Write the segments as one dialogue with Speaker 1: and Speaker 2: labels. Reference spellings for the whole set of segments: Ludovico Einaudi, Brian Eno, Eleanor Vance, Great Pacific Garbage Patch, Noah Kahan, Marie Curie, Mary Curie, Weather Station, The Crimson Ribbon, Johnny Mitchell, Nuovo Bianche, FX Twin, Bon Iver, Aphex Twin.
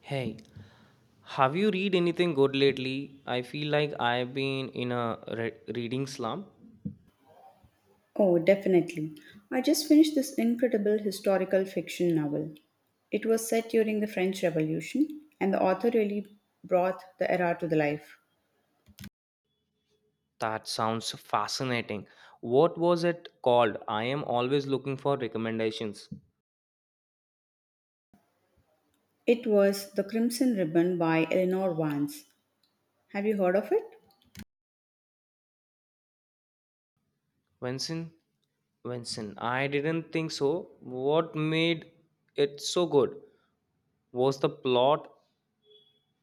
Speaker 1: Hey, have you read anything good lately? I feel like I've been in a reading slump.
Speaker 2: Oh, definitely. I just finished this incredible historical fiction novel. It was set during the French Revolution, and the author really brought the era to the life.
Speaker 1: That sounds fascinating. What was it called? I am always looking for recommendations.
Speaker 2: It was The Crimson Ribbon by Eleanor Vance. Have you heard of it?
Speaker 1: Vincent? Vincent, I didn't think so. What made it so good? Was the plot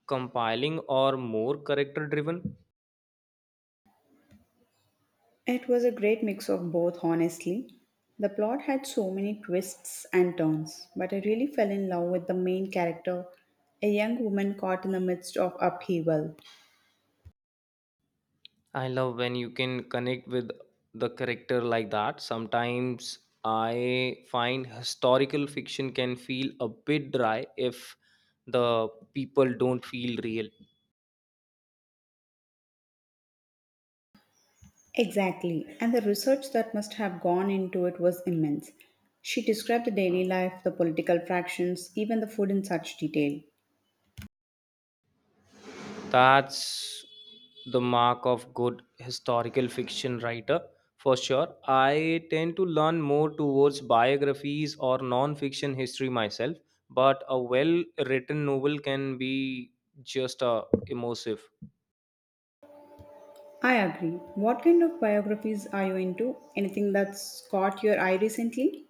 Speaker 1: compiling or more character driven?
Speaker 2: It was a great mix of both, honestly. The plot had so many twists and turns, but I really fell in love with the main character, a young woman caught in the midst of upheaval.
Speaker 1: I love when you can connect with the character like that. Sometimes I find historical fiction can feel a bit dry if the people don't feel real.
Speaker 2: Exactly, and the research that must have gone into it was immense. She described the daily life, the political fractions, even the food in such detail.
Speaker 1: That's the mark of good historical fiction writer for sure. I tend to learn more towards biographies or non fiction history myself, but a well written novel can be just immersive.
Speaker 2: I agree. What kind of biographies are you into? Anything that's caught your eye recently?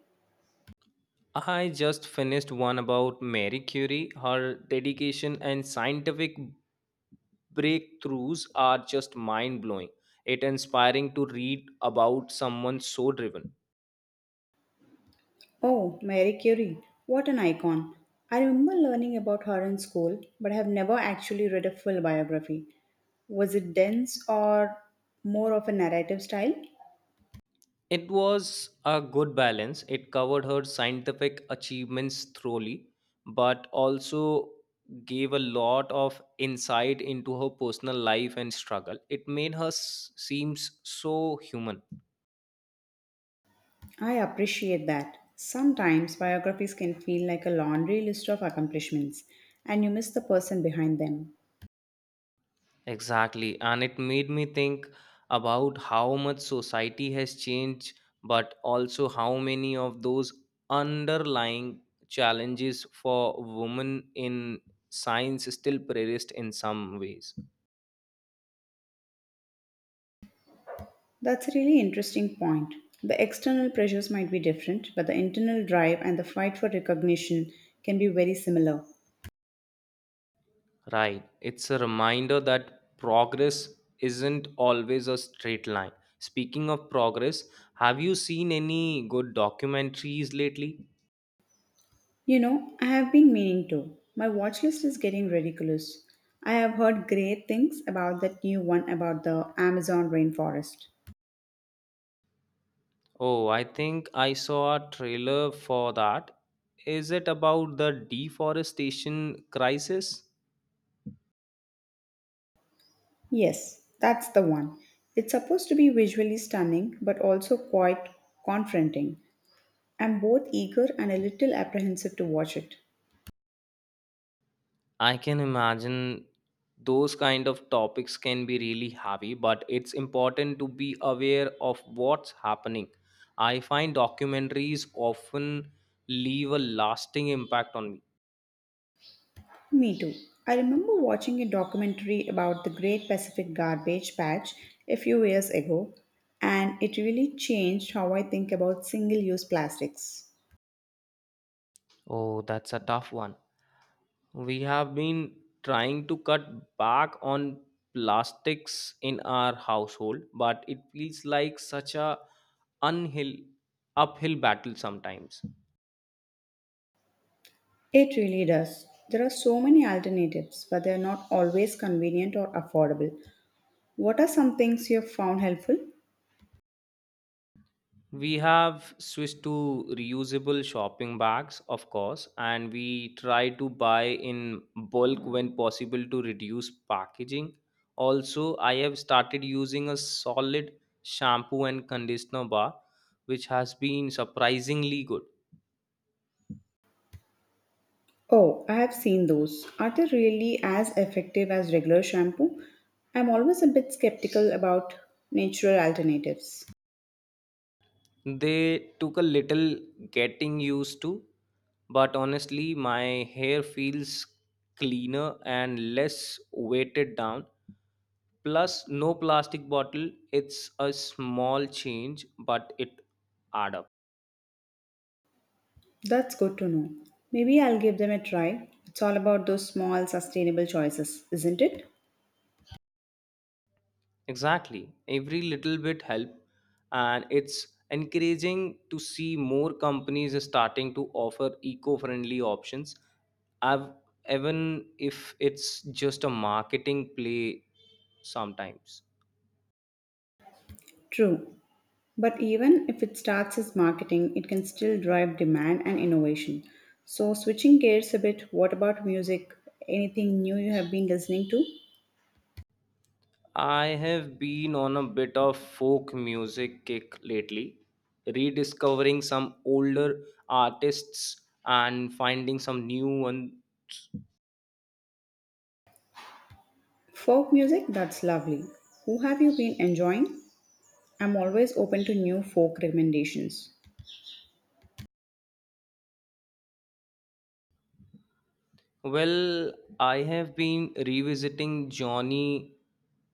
Speaker 1: I just finished one about Mary Curie. Her dedication and scientific breakthroughs are just mind blowing. It's inspiring to read about someone so driven.
Speaker 2: Oh, Marie Curie. What an icon. I remember learning about her in school, but I have never actually read a full biography. Was it dense or more of a narrative style?
Speaker 1: It was a good balance. It covered her scientific achievements thoroughly, but also gave a lot of insight into her personal life and struggle. It made her seems so human.
Speaker 2: I appreciate that. Sometimes biographies can feel like a laundry list of accomplishments, and you miss the person behind them.
Speaker 1: Exactly. And it made me think about how much society has changed, but also how many of those underlying challenges for women in science still persist in some ways.
Speaker 2: That's a really interesting point. The external pressures might be different, but the internal drive and the fight for recognition can be very similar.
Speaker 1: Right. It's a reminder that progress isn't always a straight line. Speaking of progress, have you seen any good documentaries lately?
Speaker 2: You know, I have been meaning to. My watch list is getting ridiculous. I have heard great things about that new one about the Amazon rainforest.
Speaker 1: Oh, I think I saw a trailer for that. Is it about the deforestation crisis?
Speaker 2: Yes, that's the one. It's supposed to be visually stunning but also quite confronting. I'm both eager and a little apprehensive to watch it.
Speaker 1: I can imagine those kind of topics can be really heavy, but it's important to be aware of what's happening. I find documentaries often leave a lasting impact on me.
Speaker 2: Me too. I remember watching a documentary about the Great Pacific Garbage Patch a few years ago, and it really changed how I think about single use plastics.
Speaker 1: Oh, that's a tough one. We have been trying to cut back on plastics in our household, but it feels like such a unhill uphill battle sometimes.
Speaker 2: It really does. There are so many alternatives, but they are not always convenient or affordable. What are some things you have found helpful?
Speaker 1: We have switched to reusable shopping bags, of course, and we try to buy in bulk when possible to reduce packaging. Also, I have started using a solid shampoo and conditioner bar, which has been surprisingly good.
Speaker 2: Oh, I have seen those. Are they really as effective as regular shampoo? I'm always a bit skeptical about natural alternatives.
Speaker 1: They took a little getting used to, but honestly, my hair feels cleaner and less weighted down. Plus, no plastic bottle. It's a small change, but it add up.
Speaker 2: That's good to know. Maybe I'll give them a try. It's all about those small, sustainable choices, isn't it?
Speaker 1: Exactly. Every little bit help and it's encouraging to see more companies starting to offer eco-friendly options. I've even if it's just a marketing play sometimes.
Speaker 2: True. But even if it starts as marketing, it can still drive demand and innovation. So, switching gears a bit, what about music? Anything new you have been listening to?
Speaker 1: I have been on a bit of folk music kick lately, rediscovering some older artists and finding some new ones.
Speaker 2: Folk music? That's lovely. Who have you been enjoying? I'm always open to new folk recommendations.
Speaker 1: Well, I have been revisiting Johnny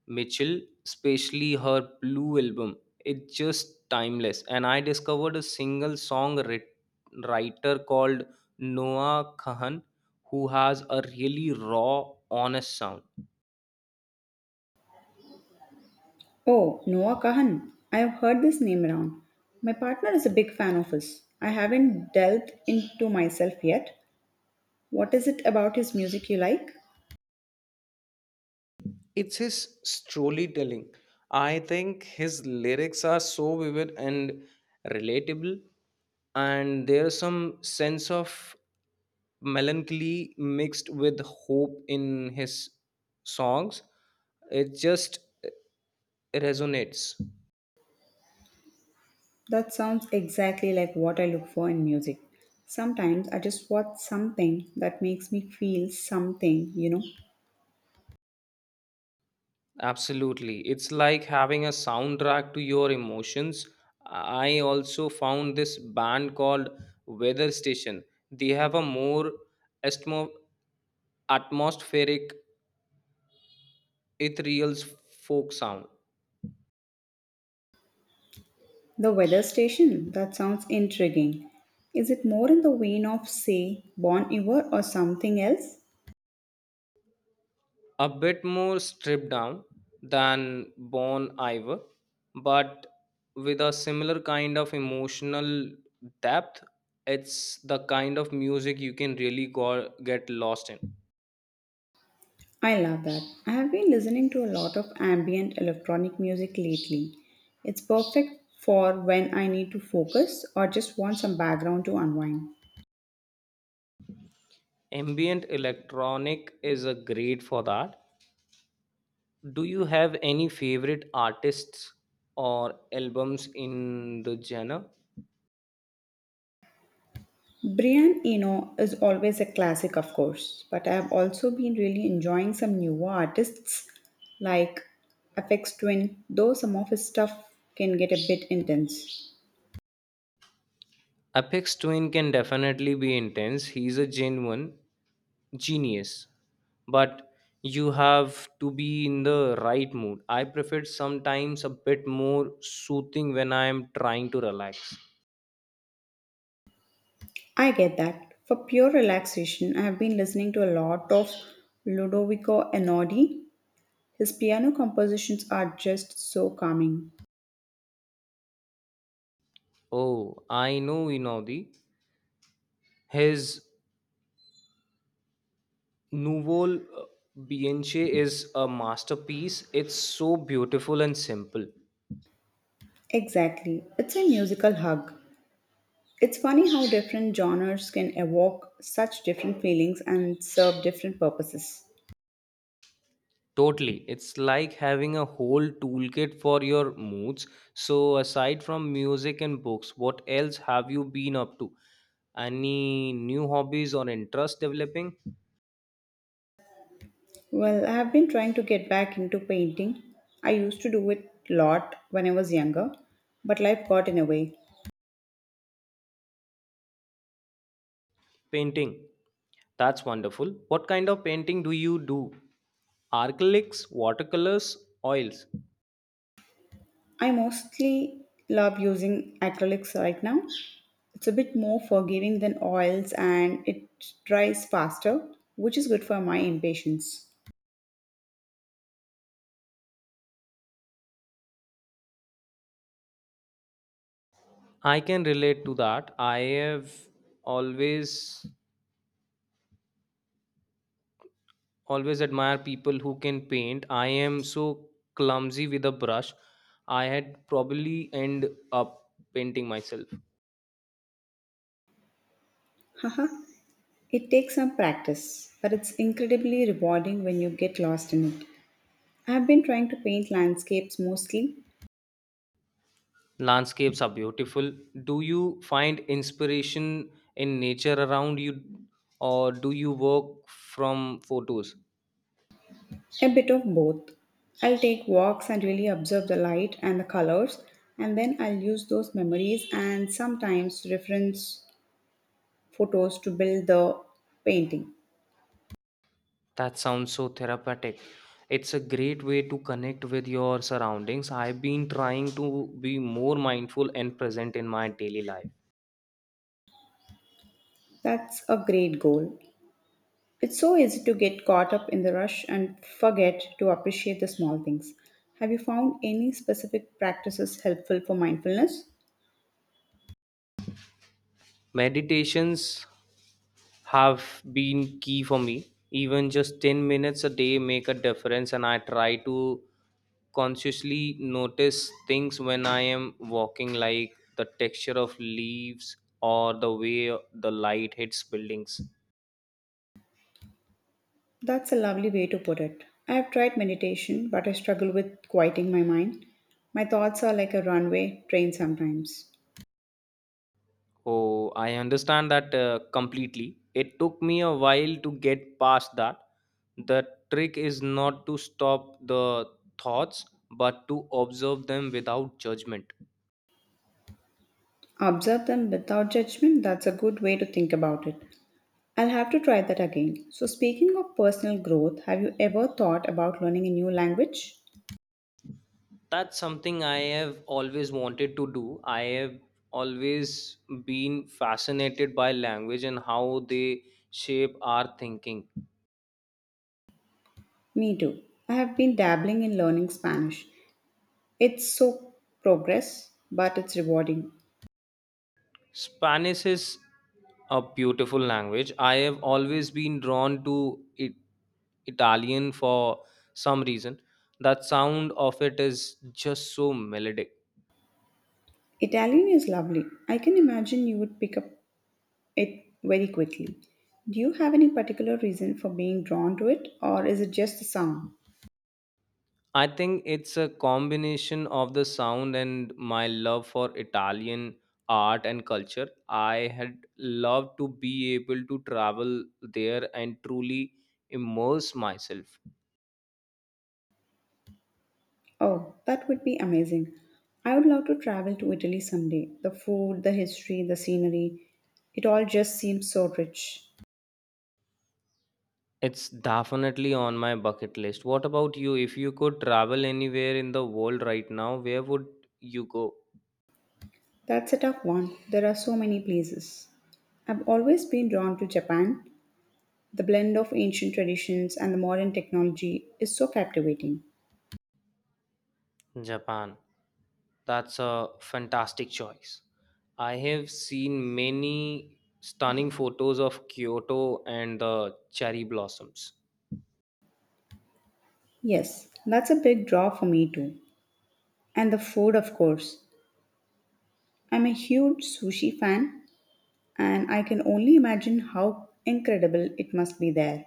Speaker 1: Mitchell, especially her Blue album. It's just timeless. And I discovered a single song writer called Noah Kahan who has a really raw, honest sound.
Speaker 2: Oh, Noah Kahan. I have heard this name around. My partner is a big fan of his. I haven't delved into myself yet. What is it about his music you like?
Speaker 1: It's his storytelling, I think. His lyrics are so vivid and relatable, and there's some sense of melancholy mixed with hope in his songs. It just resonates.
Speaker 2: That sounds exactly like what I look for in music. Sometimes I just want something that makes me feel something, you know.
Speaker 1: Absolutely. It's like having a soundtrack to your emotions. I also found this band called weather station. They have a more atmo- atmospheric, ethereal folk sound.
Speaker 2: The weather station, that sounds intriguing. Is it more in the vein of, say, Bon Iver or something else?
Speaker 1: A bit more stripped down than Bon Iver, but with a similar kind of emotional depth. It's the kind of music you can really get lost in.
Speaker 2: I love that. I have been listening to a lot of ambient electronic music lately. It's perfect for when I need to focus or just want some background to unwind.
Speaker 1: Ambient electronic is a great for that. Do you have any favorite artists or albums in the genre?
Speaker 2: Brian Eno is always a classic, of course, but I have also been really enjoying some newer artists like FX Twin, though some of his stuff can get a bit intense.
Speaker 1: Apex twin can definitely be intense. He's a genuine genius, but you have to be in the right mood. I prefer sometimes a bit more soothing when I am trying to relax.
Speaker 2: I get that. For pure relaxation, I have been listening to a lot of Ludovico Einaudi. His piano compositions are just so calming.
Speaker 1: Oh, I know Inaudi. His nouveau bianche is a masterpiece. It's so beautiful and simple.
Speaker 2: Exactly. It's a musical hug. It's funny how different genres can evoke such different feelings and serve different purposes.
Speaker 1: Totally. It's like having a whole toolkit for your moods. So, aside from music and books, what else have you been up to? Any new hobbies or interests developing?
Speaker 2: Well, I have been trying to get back into painting. I used to do it a lot when I was younger, but life got in the way.
Speaker 1: Painting. That's wonderful. What kind of painting do you do? Acrylics, watercolors, oils?
Speaker 2: I mostly love using acrylics right now. It's a bit more forgiving than oils and it dries faster, which is good for my impatience.
Speaker 1: I can relate to that. I have always always admire people who can paint. I am so clumsy with a brush. I had probably end up painting myself.
Speaker 2: Haha, it takes some practice, but it's incredibly rewarding when you get lost in it. I've been trying to paint landscapes mostly,
Speaker 1: Landscapes are beautiful. Do you find inspiration in nature around you, or do you work from photos?
Speaker 2: a bit of both. I'll take walks and really observe the light and the colors, and then I'll use those memories and sometimes reference photos to build the painting.
Speaker 1: That sounds so therapeutic. It's a great way to connect with your surroundings. I've been trying to be more mindful and present in my daily life.
Speaker 2: That's a great goal. It's so easy to get caught up in the rush and forget to appreciate the small things. Have you found any specific practices helpful for mindfulness?
Speaker 1: Meditations have been key for me. Even just 10 minutes a day make a difference, and I try to consciously notice things when I am walking, like the texture of leaves or the way the light hits buildings.
Speaker 2: That's a lovely way to put it. I've tried meditation, but I struggle with quieting my mind. My thoughts are like a runway train sometimes.
Speaker 1: Oh, I understand that completely. It took me a while to get past that. The trick is not to stop the thoughts but to observe them without judgment.
Speaker 2: Observe them without judgment, that's a good way to think about it. I'll have to try that again. So, speaking of personal growth, have you ever thought about learning a new language?
Speaker 1: That's something I have always wanted to do. I have always been fascinated by language and how they shape our thinking.
Speaker 2: Me too. I have been dabbling in learning Spanish. It's so progress, but it's rewarding.
Speaker 1: Spanish is a beautiful language. I have always been drawn to it, Italian for some reason. That sound of it is just so melodic.
Speaker 2: Italian is lovely. I can imagine you would pick up it very quickly. Do you have any particular reason for being drawn to it, or is it just the sound?
Speaker 1: I think it's a combination of the sound and my love for Italian art and culture. I had loved to be able to travel there and truly immerse myself.
Speaker 2: Oh, that would be amazing. I would love to travel to Italy someday. The food, the history, the scenery, it all just seems so rich.
Speaker 1: It's definitely on my bucket list. What about you? If you could travel anywhere in the world right now, where would you go?
Speaker 2: That's a tough one. There are so many places. I've always been drawn to Japan. The blend of ancient traditions and the modern technology is so captivating.
Speaker 1: Japan. That's a fantastic choice. I have seen many stunning photos of Kyoto and the cherry blossoms.
Speaker 2: Yes, that's a big draw for me too. And the food, of course. I'm a huge sushi fan, and I can only imagine how incredible it must be there.